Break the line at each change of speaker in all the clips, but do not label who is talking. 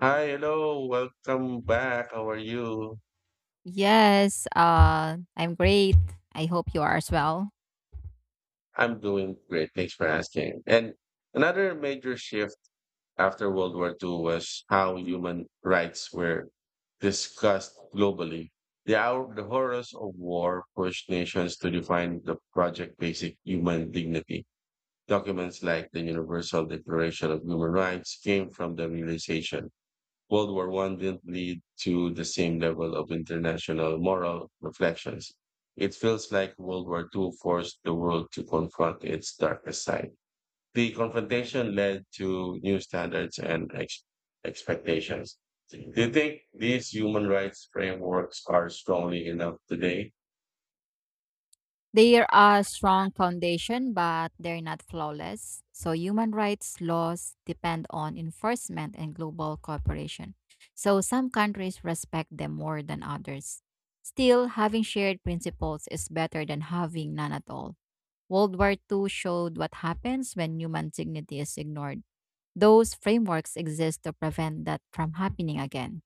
Hi, hello, welcome back. How are you?
Yes, I'm great. I hope you are as well.
I'm doing great. Thanks for asking. And another major shift after World War II was how human rights were discussed globally. The horrors of war pushed nations to define the project basic human dignity. Documents like the Universal Declaration of Human Rights came from the realization World War One didn't lead to the same level of international moral reflections. It feels like World War Two forced the world to confront its darkest side. The confrontation led to new standards and expectations. Do you think these human rights frameworks are strongly enough today?
They are a strong foundation, but they're not flawless. So, human rights laws depend on enforcement and global cooperation. So, some countries respect them more than others. Still, having shared principles is better than having none at all. World War Two showed what happens when human dignity is ignored. Those frameworks exist to prevent that from happening again.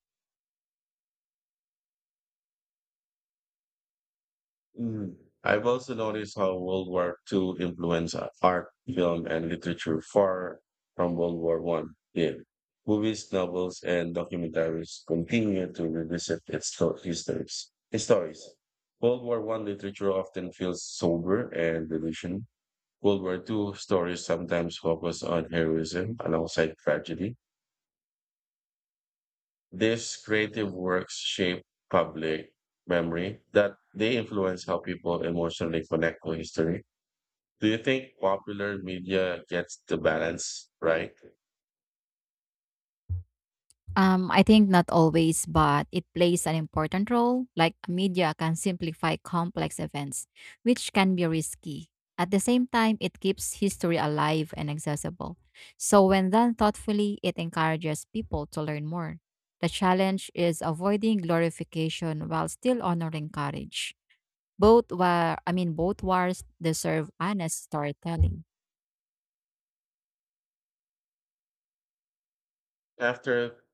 Mm. I've also noticed how World War Two influenced art, film, and literature far from World War One did. Movies, novels, and documentaries continue to revisit its histories. Stories. World War One literature often feels sober and delusion. World War Two stories sometimes focus on heroism alongside tragedy. These creative works shape public memory that they influence how people emotionally connect to history. Do you think popular media gets the balance right?
I think not always, but it plays an important role. Like media can simplify complex events, which can be risky. At the same time, it keeps history alive and accessible. So, when done thoughtfully, it encourages people to learn more. The challenge is avoiding glorification while still honoring courage. Both wars deserve honest storytelling.
After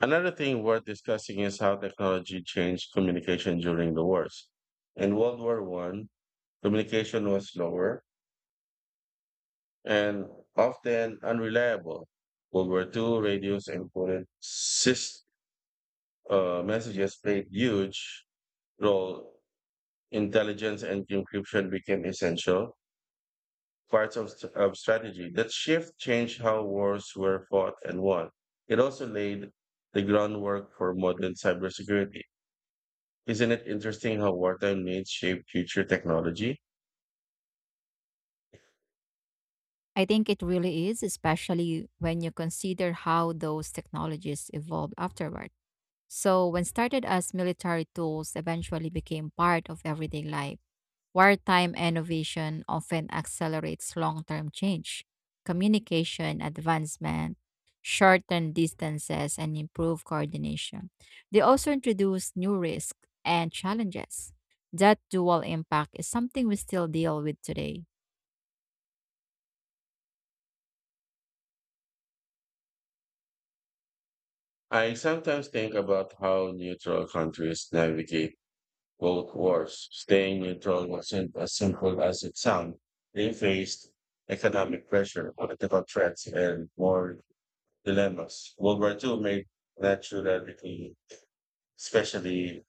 another thing worth discussing is how technology changed communication during the wars. In World War One, communication was slower and often unreliable. World War Two, radios and coded messages played huge role. Intelligence and encryption became essential. Parts of strategy. That shift changed how wars were fought and won. It also laid the groundwork for modern cybersecurity. Isn't it interesting how wartime needs shape future technology?
I think it really is, especially when you consider how those technologies evolved afterward. So, when started as military tools, eventually became part of everyday life. Wartime innovation often accelerates long term change. Communication advancement, shortened distances, and improved coordination. They also introduce new risks and challenges. That dual impact is something we still deal with today.
I sometimes think about how neutral countries navigate both wars. Staying neutral wasn't as simple as it sounds. They faced economic pressure, political threats, and more dilemmas. World War Two made that naturally, especially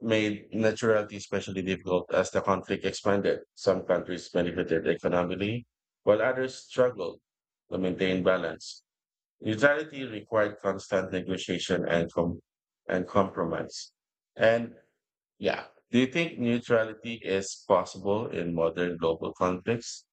made neutrality especially difficult as the conflict expanded. Some countries benefited economically, while others struggled to maintain balance. Neutrality required constant negotiation and and compromise. And yeah, do you think neutrality is possible in modern global conflicts?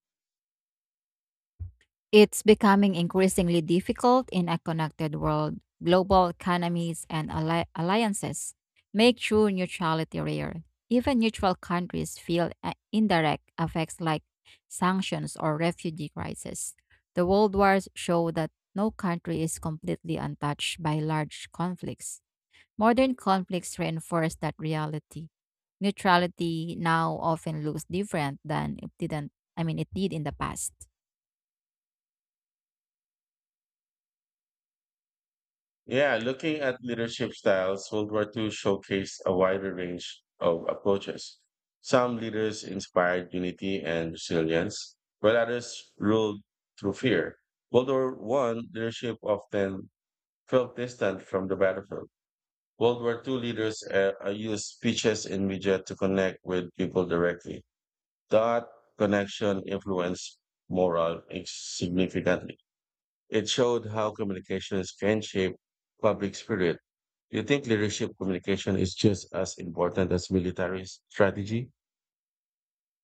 It's becoming increasingly difficult in a connected world. Global economies and alliances make true neutrality rare. Even neutral countries feel indirect effects like sanctions or refugee crises. The world wars show that no country is completely untouched by large conflicts. Modern conflicts reinforce that reality. Neutrality now often looks different than it didn't, I mean, it did in the past.
Yeah, looking at leadership styles, World War Two showcased a wider range of approaches. Some leaders inspired unity and resilience, while others ruled through fear. World War One leadership often felt distant from the battlefield. World War Two leaders used speeches in media to connect with people directly. That connection influenced morale significantly. It showed how communications can shape public spirit. Do you think leadership communication is just as important as military strategy?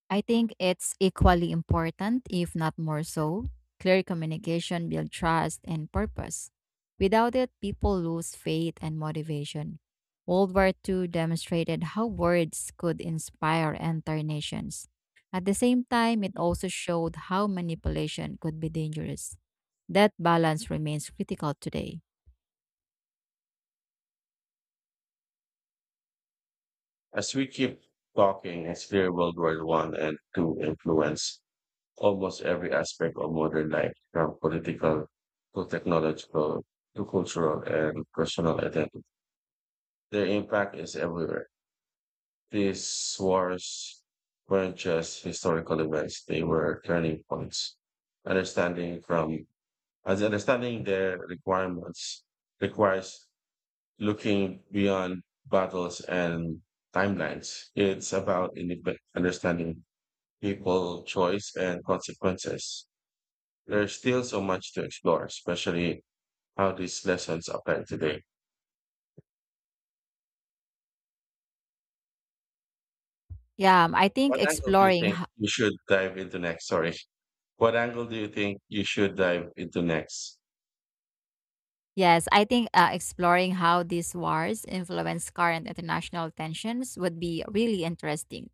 I think it's equally important, if not more so. Clear communication builds trust and purpose. Without it, people lose faith and motivation. World War II demonstrated how words could inspire and turn nations. At the same time, it also showed how manipulation could be dangerous. That balance remains critical today.
As we keep talking, it's clear World War One and Two influence almost every aspect of modern life, from political to technological to cultural and personal identity. Their impact is everywhere. These wars weren't just historical events, they were turning points. Understanding from as understanding their requirements requires looking beyond battles and timelines. It's about understanding people, choice, and consequences. There's still so much to explore, especially how these lessons apply today.
Yeah, I think
What angle do you
exploring
think you should dive into next? Sorry. What angle do you think you should dive into next?
Yes, I think exploring how these wars influence current international tensions would be really interesting.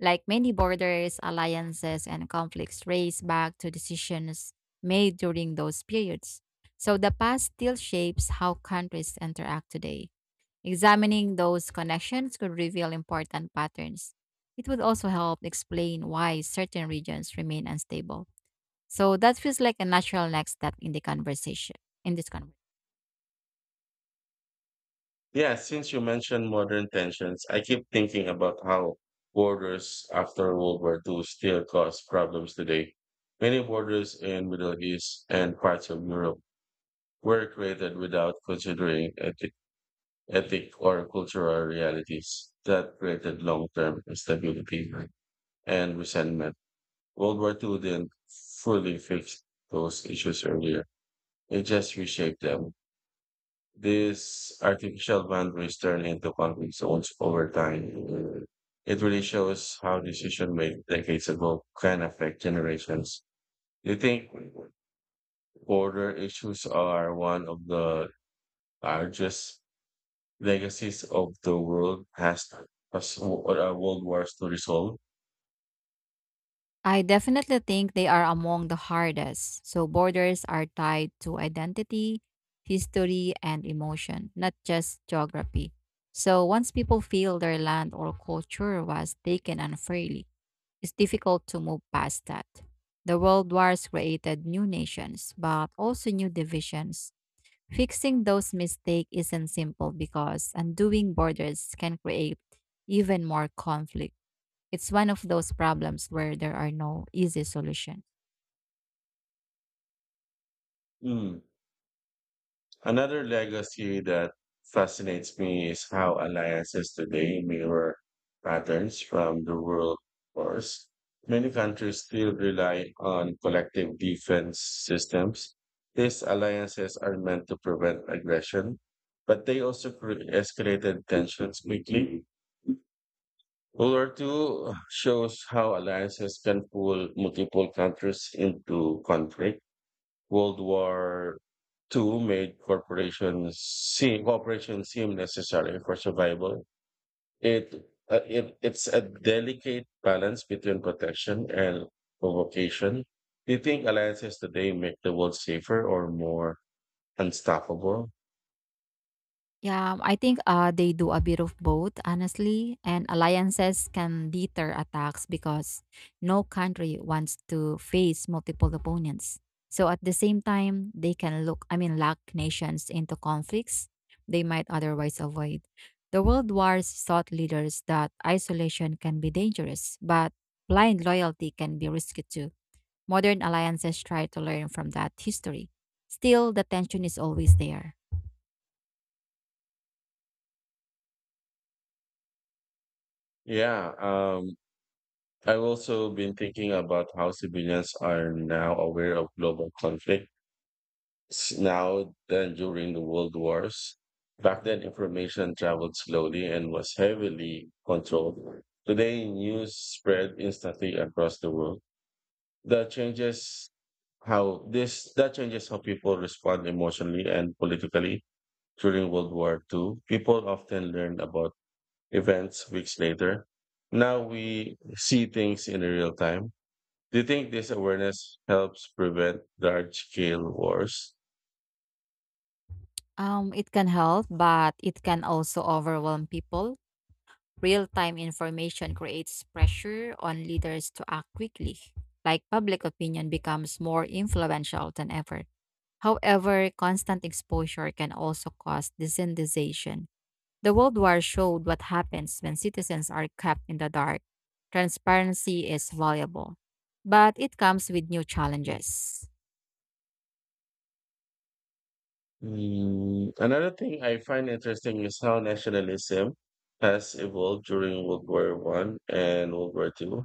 Like many borders, alliances, and conflicts trace back to decisions made during those periods. So the past still shapes how countries interact today. Examining those connections could reveal important patterns. It would also help explain why certain regions remain unstable. So that feels like a natural next step in the conversation, In this conversation.
Yeah, since you mentioned modern tensions, I keep thinking about how borders after World War II still cause problems today. Many borders in Middle East and parts of Europe were created without considering ethic or cultural realities that created long-term instability and resentment. World War II didn't fully fix those issues earlier. It just reshaped them. These artificial boundaries turn into conflict zones over time. It really shows how decision made decades ago can affect generations. Do you think border issues are one of the largest legacies of the world has World Wars to resolve?
I definitely think they are among the hardest. So, borders are tied to identity, history, and emotion, not just geography. So, once people feel their land or culture was taken unfairly, it's difficult to move past that. The world wars created new nations, but also new divisions. Fixing those mistakes isn't simple because undoing borders can create even more conflict. It's one of those problems where there are no easy solution.
Hmm. Another legacy that fascinates me is how alliances today mirror patterns from the world wars. Many countries still rely on collective defense systems. These alliances are meant to prevent aggression, but they also escalated tensions quickly. World War II shows how alliances can pull multiple countries into conflict. World War Two made corporations seem cooperation seem necessary for survival. It, it's a delicate balance between protection and provocation. Do you think alliances today make the world safer or more unstoppable?
Yeah, I think they do a bit of both, honestly. And alliances can deter attacks because no country wants to face multiple opponents. So at the same time, they can look, I mean, lock nations into conflicts they might otherwise avoid. The world wars taught leaders that isolation can be dangerous, but blind loyalty can be risky too. Modern alliances try to learn from that history. Still, the tension is always there.
Yeah, I've also been thinking about how civilians are now aware of global conflict now than during the World Wars. Back then, information traveled slowly and was heavily controlled. Today, news spread instantly across the world. That changes that changes how people respond emotionally and politically during World War II. People often learned about events weeks later. Now we see things in real time. Do you think this awareness helps prevent large scale wars?
It can help, but it can also overwhelm people. Real time information creates pressure on leaders to act quickly, like public opinion becomes more influential than ever. However, constant exposure can also cause desensitization. The World War showed what happens when citizens are kept in the dark. Transparency is valuable, but it comes with new challenges.
Mm, another thing I find interesting is how nationalism has evolved during World War One and World War Two.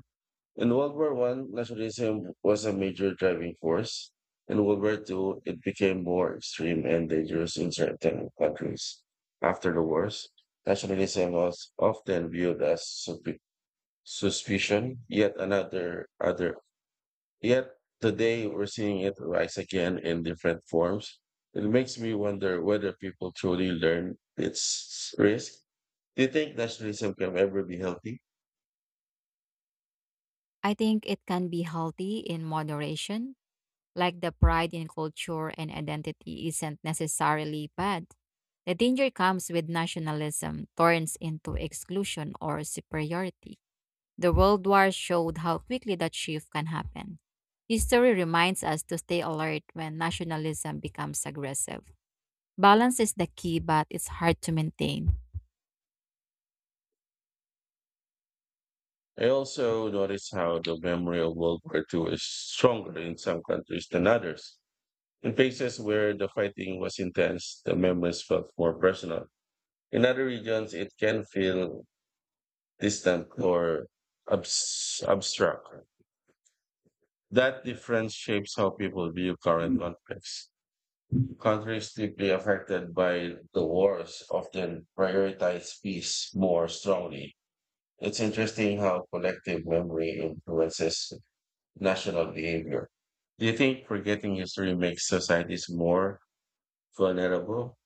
In World War One, nationalism was a major driving force. In World War Two, it became more extreme and dangerous in certain countries. After the wars, nationalism was often viewed as suspicion, yet another other Yet today we're seeing it rise again in different forms. It makes me wonder whether people truly learn its risk. Do you think nationalism can ever be healthy?
I think it can be healthy in moderation, like the pride in culture and identity isn't necessarily bad. The danger comes with nationalism turns into exclusion or superiority. The World War showed how quickly that shift can happen. History reminds us to stay alert when nationalism becomes aggressive. Balance is the key, but it's hard to maintain.
I also notice how the memory of World War Two is stronger in some countries than others. In places where the fighting was intense, the memories felt more personal. In other regions, it can feel distant or abstract. That difference shapes how people view current conflicts. Countries deeply affected by the wars often prioritize peace more strongly. It's interesting how collective memory influences national behavior. Do you think forgetting history makes societies more vulnerable?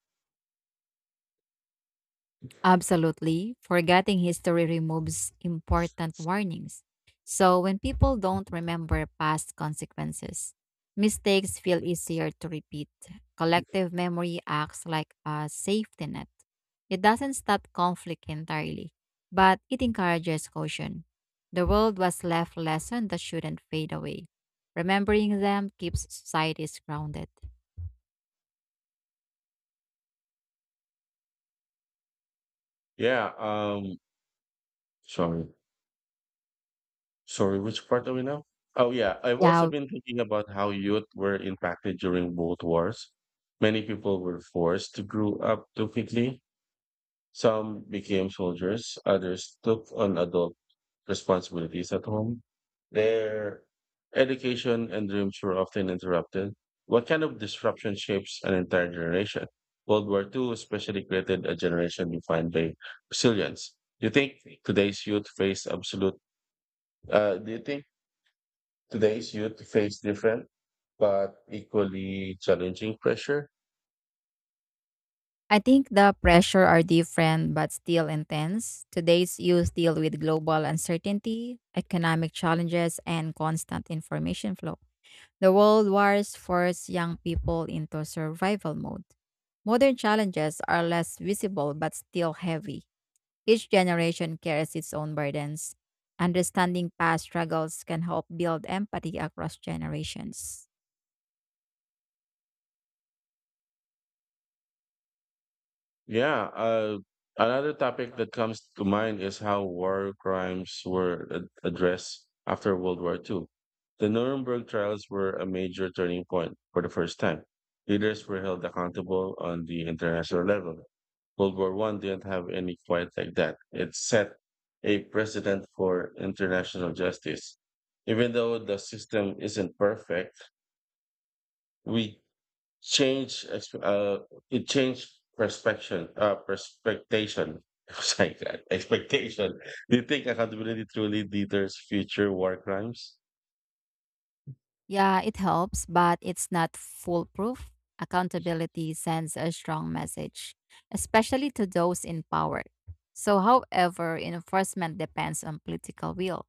Absolutely. Forgetting history removes important warnings. So, when people don't remember past consequences, mistakes feel easier to repeat. Collective memory acts like a safety net. It doesn't stop conflict entirely, but it encourages caution. The world was left lessons that shouldn't fade away. Remembering them keeps societies grounded.
Yeah. Sorry. Sorry. Which part are we now? Oh yeah. I've also
Yeah,
been thinking about how youth were impacted during both wars. Many people were forced to grow up too quickly. Some became soldiers, others took on adult responsibilities at home. Their education and dreams were often interrupted. What kind of disruption shapes an entire generation? World War II especially created a generation defined by resilience. Do you think today's youth face absolute, do you think today's youth face different but equally challenging pressure?
I think the pressure are different but still intense. Today's youth deal with global uncertainty, economic challenges, and constant information flow. The world wars force young people into survival mode. Modern challenges are less visible but still heavy. Each generation carries its own burdens. Understanding past struggles can help build empathy across generations.
Yeah, another topic that comes to mind is how war crimes were addressed after World War II. The Nuremberg trials were a major turning point for the first time. Leaders were held accountable on the international level. World War One didn't have any quite like that. It set a precedent for international justice. Even though the system isn't perfect, we change exp- uh it changed perspection perspectation sorry God, expectation. Do you think accountability truly deters future war crimes?
Yeah, it helps, but it's not foolproof. Accountability sends a strong message, especially to those in power. So, however, enforcement depends on political will.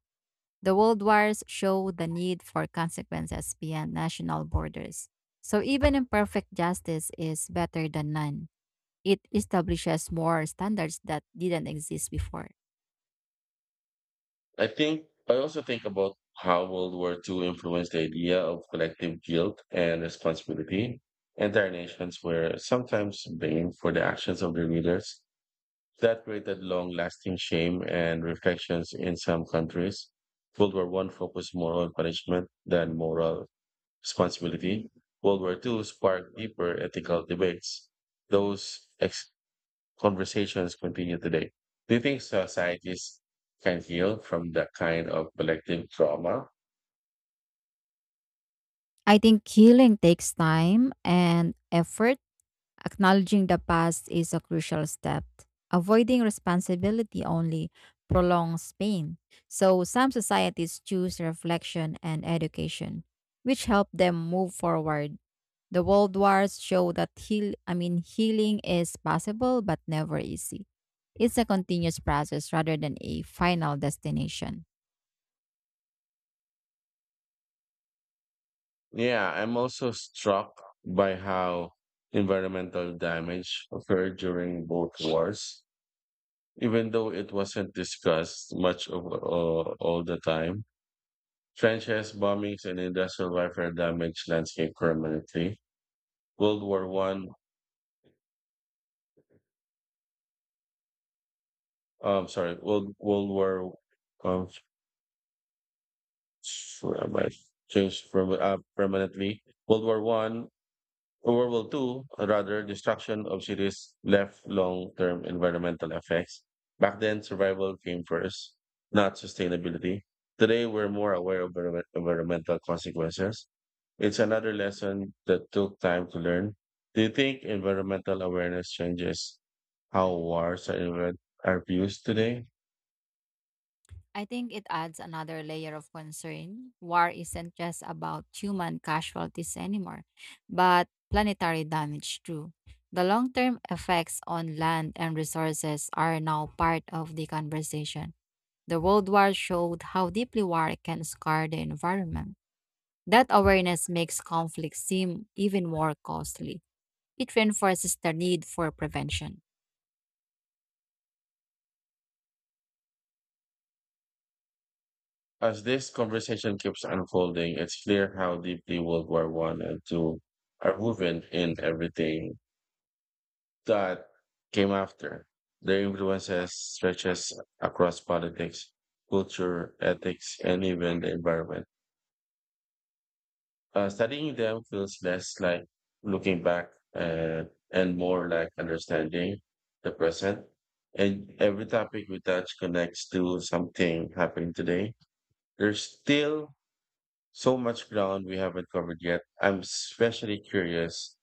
The world wars show the need for consequences beyond national borders. So, even imperfect justice is better than none. It establishes more standards that didn't exist before.
I also think about how World War II influenced the idea of collective guilt and responsibility. Entire nations were sometimes blamed for the actions of their leaders. That created long lasting shame and reflections in some countries. World War One focused more on punishment than moral responsibility. World War II sparked deeper ethical debates. Those ex- conversations continue today. Do you think societies can heal from that kind of collective trauma?
I think healing takes time and effort. Acknowledging the past is a crucial step. Avoiding responsibility only prolongs pain. So, some societies choose reflection and education, which help them move forward. The world wars show that heal, I mean, healing is possible but never easy. It's a continuous process rather than a final destination.
Yeah, I'm also struck by how environmental damage occurred during both wars, even though it wasn't discussed much all the time. Trenches, bombings, and industrial warfare damaged landscape permanently. World War One, sorry, World World War, um, where am I? Changed from permanently. World War One, World War Two, rather, destruction of cities left long-term environmental effects. Back then, survival came first, not sustainability. Today, we're more aware of environmental consequences. It's another lesson that took time to learn. Do you think environmental awareness changes how wars are viewed today?
I think it adds another layer of concern. War isn't just about human casualties anymore, but planetary damage too. The long term effects on land and resources are now part of the conversation. The World War showed how deeply war can scar the environment. That awareness makes conflict seem even more costly. It reinforces the need for prevention.
As this conversation keeps unfolding, it's clear how deeply World War One and Two are woven in everything that came after. Their influences stretches across politics, culture, ethics, and even the environment. Studying them feels less like looking back and more like understanding the present. And every topic we touch connects to something happening today. There's still so much ground we haven't covered yet. I'm especially curious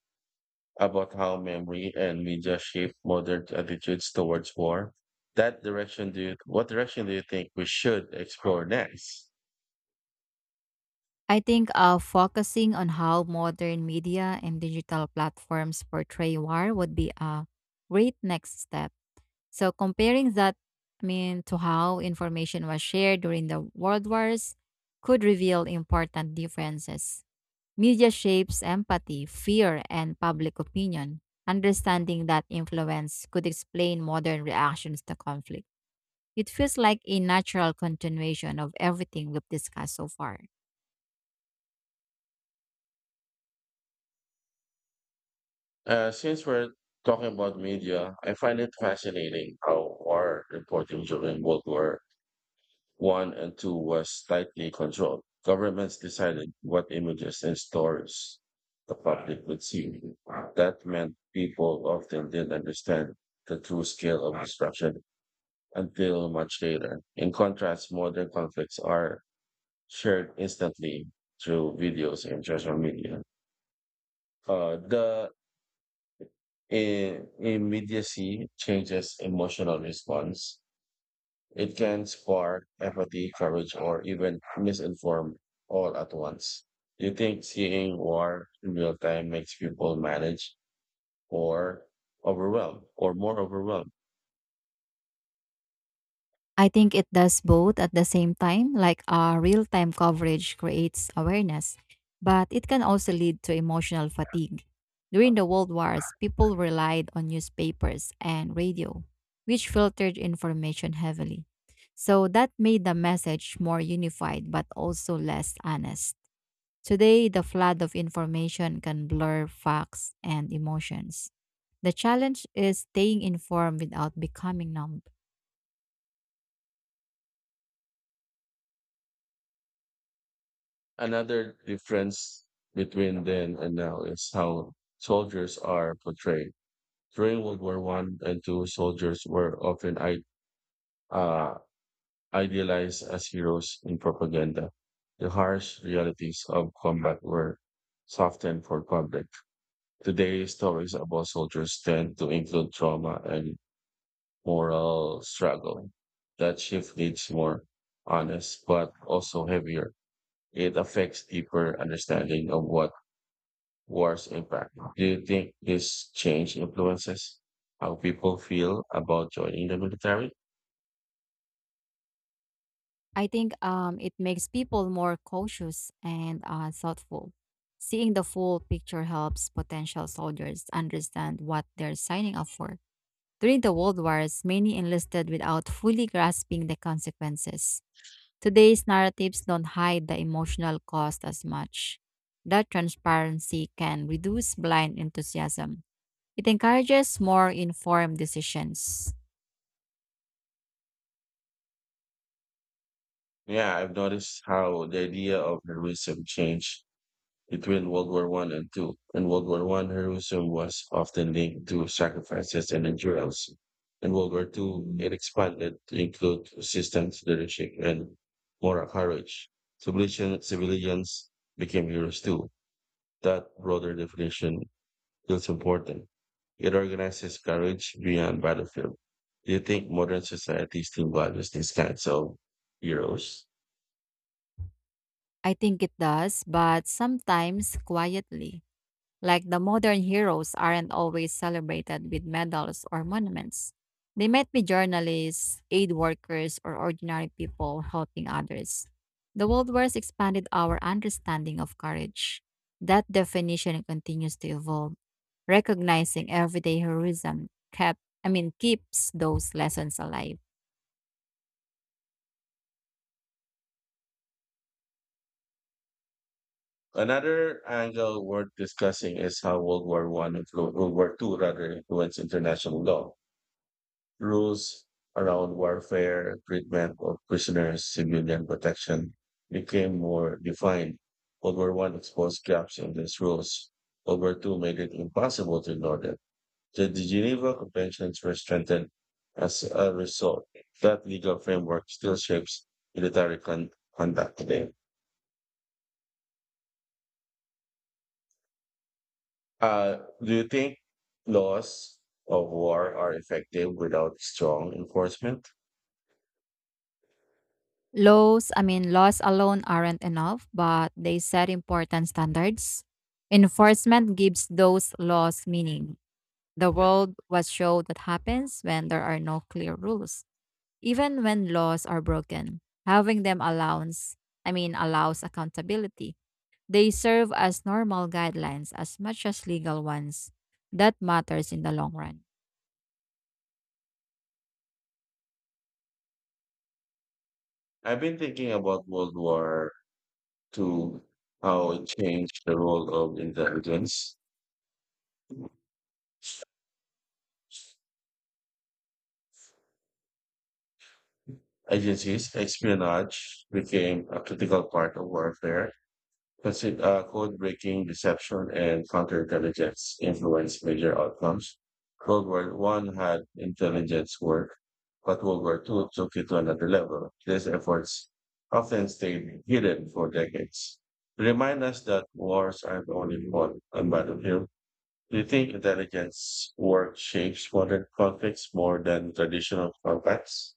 about how memory and media shape modern attitudes towards war. That direction, do you, what direction do you think we should explore next?
I think focusing on how modern media and digital platforms portray war would be a great next step. So comparing that, I mean, to how information was shared during the world wars could reveal important differences. Media shapes empathy, fear, and public opinion. Understanding that influence could explain modern reactions to conflict. It feels like a natural continuation of everything we've discussed so far.
Since we're talking about media, I find it fascinating how war reporting during World War One and Two was tightly controlled. Governments decided what images and stories the public would see. That meant people often didn't understand the true scale of destruction until much later. In contrast, modern conflicts are shared instantly through videos and social media. The immediacy changes emotional response. It can spark apathy, courage, or even misinform all at once. You think seeing war in real time makes people manage or overwhelmed or more overwhelmed.
I think it does both at the same time, like real time coverage creates awareness, but it can also lead to emotional fatigue. During the World Wars, people relied on newspapers and radio, which filtered information heavily. So that made the message more unified but also less honest. Today, the flood of information can blur facts and emotions. The challenge is staying informed without becoming numb.
Another difference between then and now is how soldiers are portrayed. During World War One and Two, soldiers were often uh, idealized as heroes in propaganda. The harsh realities of combat were softened for public. Today, stories about soldiers tend to include trauma and moral struggle. That shift needs more honest, but also heavier. It affects deeper understanding of what wars impact. Do you think this change influences how people feel about joining the military?
I think it makes people more cautious and thoughtful. Seeing the full picture helps potential soldiers understand what they're signing up for. During the World Wars, many enlisted without fully grasping the consequences. Today's narratives don't hide the emotional cost as much. That transparency can reduce blind enthusiasm. It encourages more informed decisions.
Yeah, I've noticed how the idea of heroism changed between World War One and Two. In World War One, heroism was often linked to sacrifices and endurance. In World War Two, it expanded to include resistance, leadership, and moral courage. Civilians became heroes too. That broader definition feels important. It organizes courage beyond battlefield. Do you think modern society still values these kinds of heroes?
I think it does, but sometimes quietly. Like the modern heroes aren't always celebrated with medals or monuments. They might be journalists, aid workers, or ordinary people helping others. The World Wars expanded our understanding of courage. That definition continues to evolve. Recognizing everyday heroism kept I mean keeps those lessons alive.
Another angle worth discussing is how World War Two rather influenced international law. Rules around warfare, treatment of prisoners, civilian protection became more defined. World War One exposed gaps in these rules. World War Two made it impossible to ignore them. The Geneva Conventions were strengthened as a result. That legal framework still shapes military con- conduct today. Uh, do you think laws of war are effective without strong enforcement?
Laws, I mean Laws alone aren't enough, but they set important standards. Enforcement gives those laws meaning. The world was shown what happens when there are no clear rules. Even when laws are broken, having them allows, I mean, allows accountability. They serve as normal guidelines as much as legal ones. That matters in the long run.
I've been thinking about World War II, how it changed the role of intelligence agencies. Espionage became a critical part of warfare. Code breaking, deception, and counterintelligence influenced major outcomes. World War One had intelligence work, but World War Two took it to another level. These efforts often stayed hidden for decades. To remind us that wars aren't only fought on battlefield. Do you think intelligence work shapes modern conflicts more than traditional combats?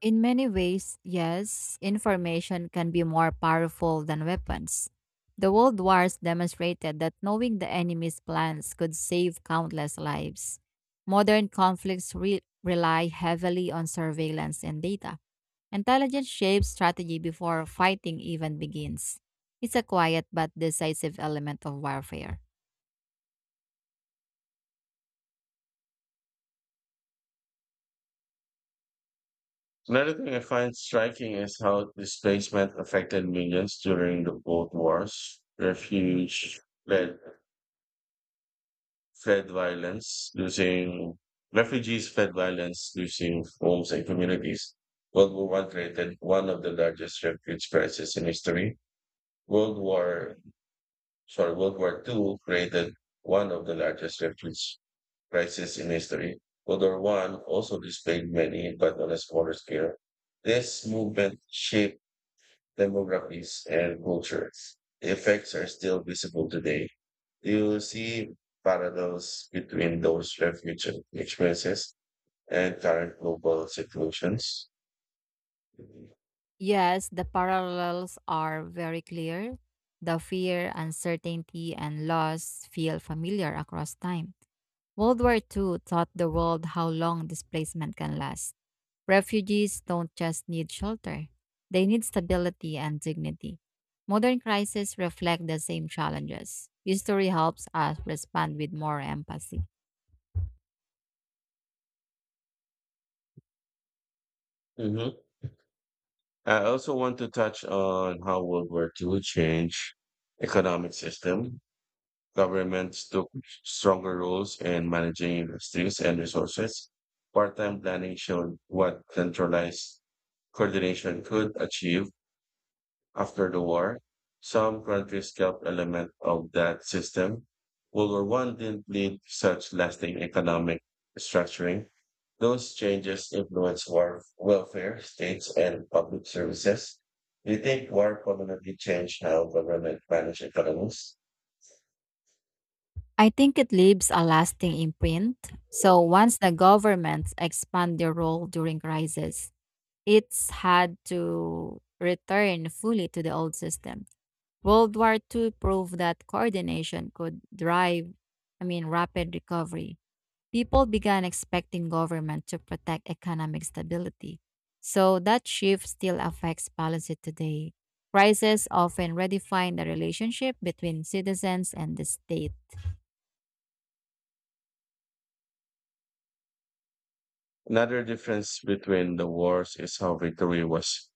In many ways, yes, information can be more powerful than weapons. The World Wars demonstrated that knowing the enemy's plans could save countless lives. Modern conflicts rely heavily on surveillance and data. Intelligence shapes strategy before fighting even begins. It's a quiet but decisive element of warfare.
Another thing I find striking is how displacement affected millions during the Both Wars. Fled, fled violence, losing refugees fled violence, losing homes and communities. World War One created one of the largest refugee crises in history. World War World War Two created one of the largest refugee crises in history. World War One also displayed many, but on a smaller scale. This movement shaped demographics, and cultures. The effects are still visible today. Do you see parallels between those refuge experiences and current global situations?
Yes, the parallels are very clear. The fear, uncertainty, and loss feel familiar across time. World War Two taught the world how long displacement can last. Refugees don't just need shelter, they need stability and dignity. Modern crises reflect the same challenges. History helps us respond with more empathy.
hmm I also want to touch on how World War II changed economic system. Governments took stronger roles in managing industries and resources. Part-time planning showed what centralized coordination could achieve. After the war, some countries kept elements of that system. World War One didn't lead to such lasting economic restructuring. Those changes influenced war, welfare, states, and public services. Do you think war permanently changed how government managed economies?
I think it leaves a lasting imprint. So once the governments expand their role during crises, it's had to return fully to the old system. World War Two proved that coordination could drive, I mean, rapid recovery. People began expecting government to protect economic stability. So that shift still affects policy today. Crises often redefine the relationship between citizens and the state.
Another difference between the wars is how victory was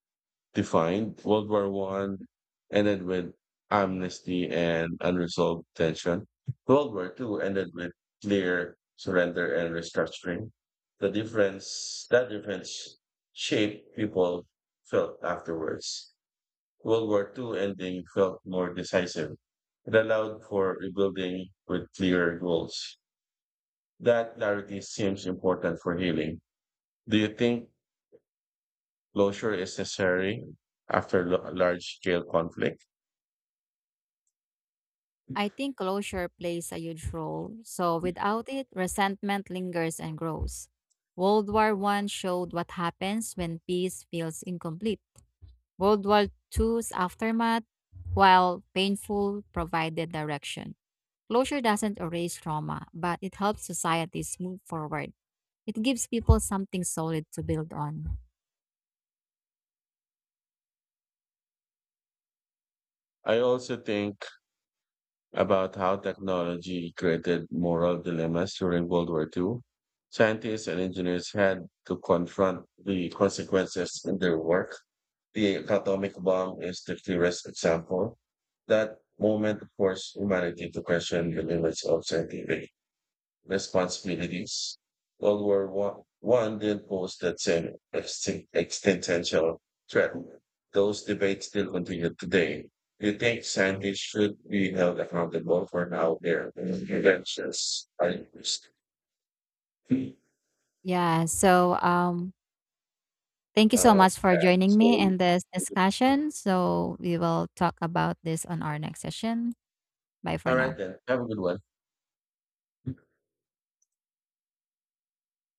defined. World War One ended with amnesty and unresolved tension. World War Two ended with clear surrender and restructuring. The difference that difference shaped people felt afterwards. World War Two ending felt more decisive. It allowed for rebuilding with clear goals. That clarity seems important for healing. Do you think closure is necessary after large scale conflict?
I think closure plays a huge role. So without it, resentment lingers and grows. World War One showed what happens when peace feels incomplete. World War Two's aftermath, while painful, provided direction. Closure doesn't erase trauma, but it helps societies move forward. It gives people something solid to build on.
I also think about how technology created moral dilemmas during World War II. Scientists and engineers had to confront the consequences in their work. The atomic bomb is the clearest example. That moment forced humanity to question the limits of scientific responsibilities. World War One did pose that same existential threat. Those debates still continue today. Do you think scientists should be held accountable for how their inventions are used? Uh,
Yeah, so thank you so
yeah.
much for joining me
So,
in this discussion. So, we will talk about this on our next session. Bye for
all
now.
right then. Have a good one.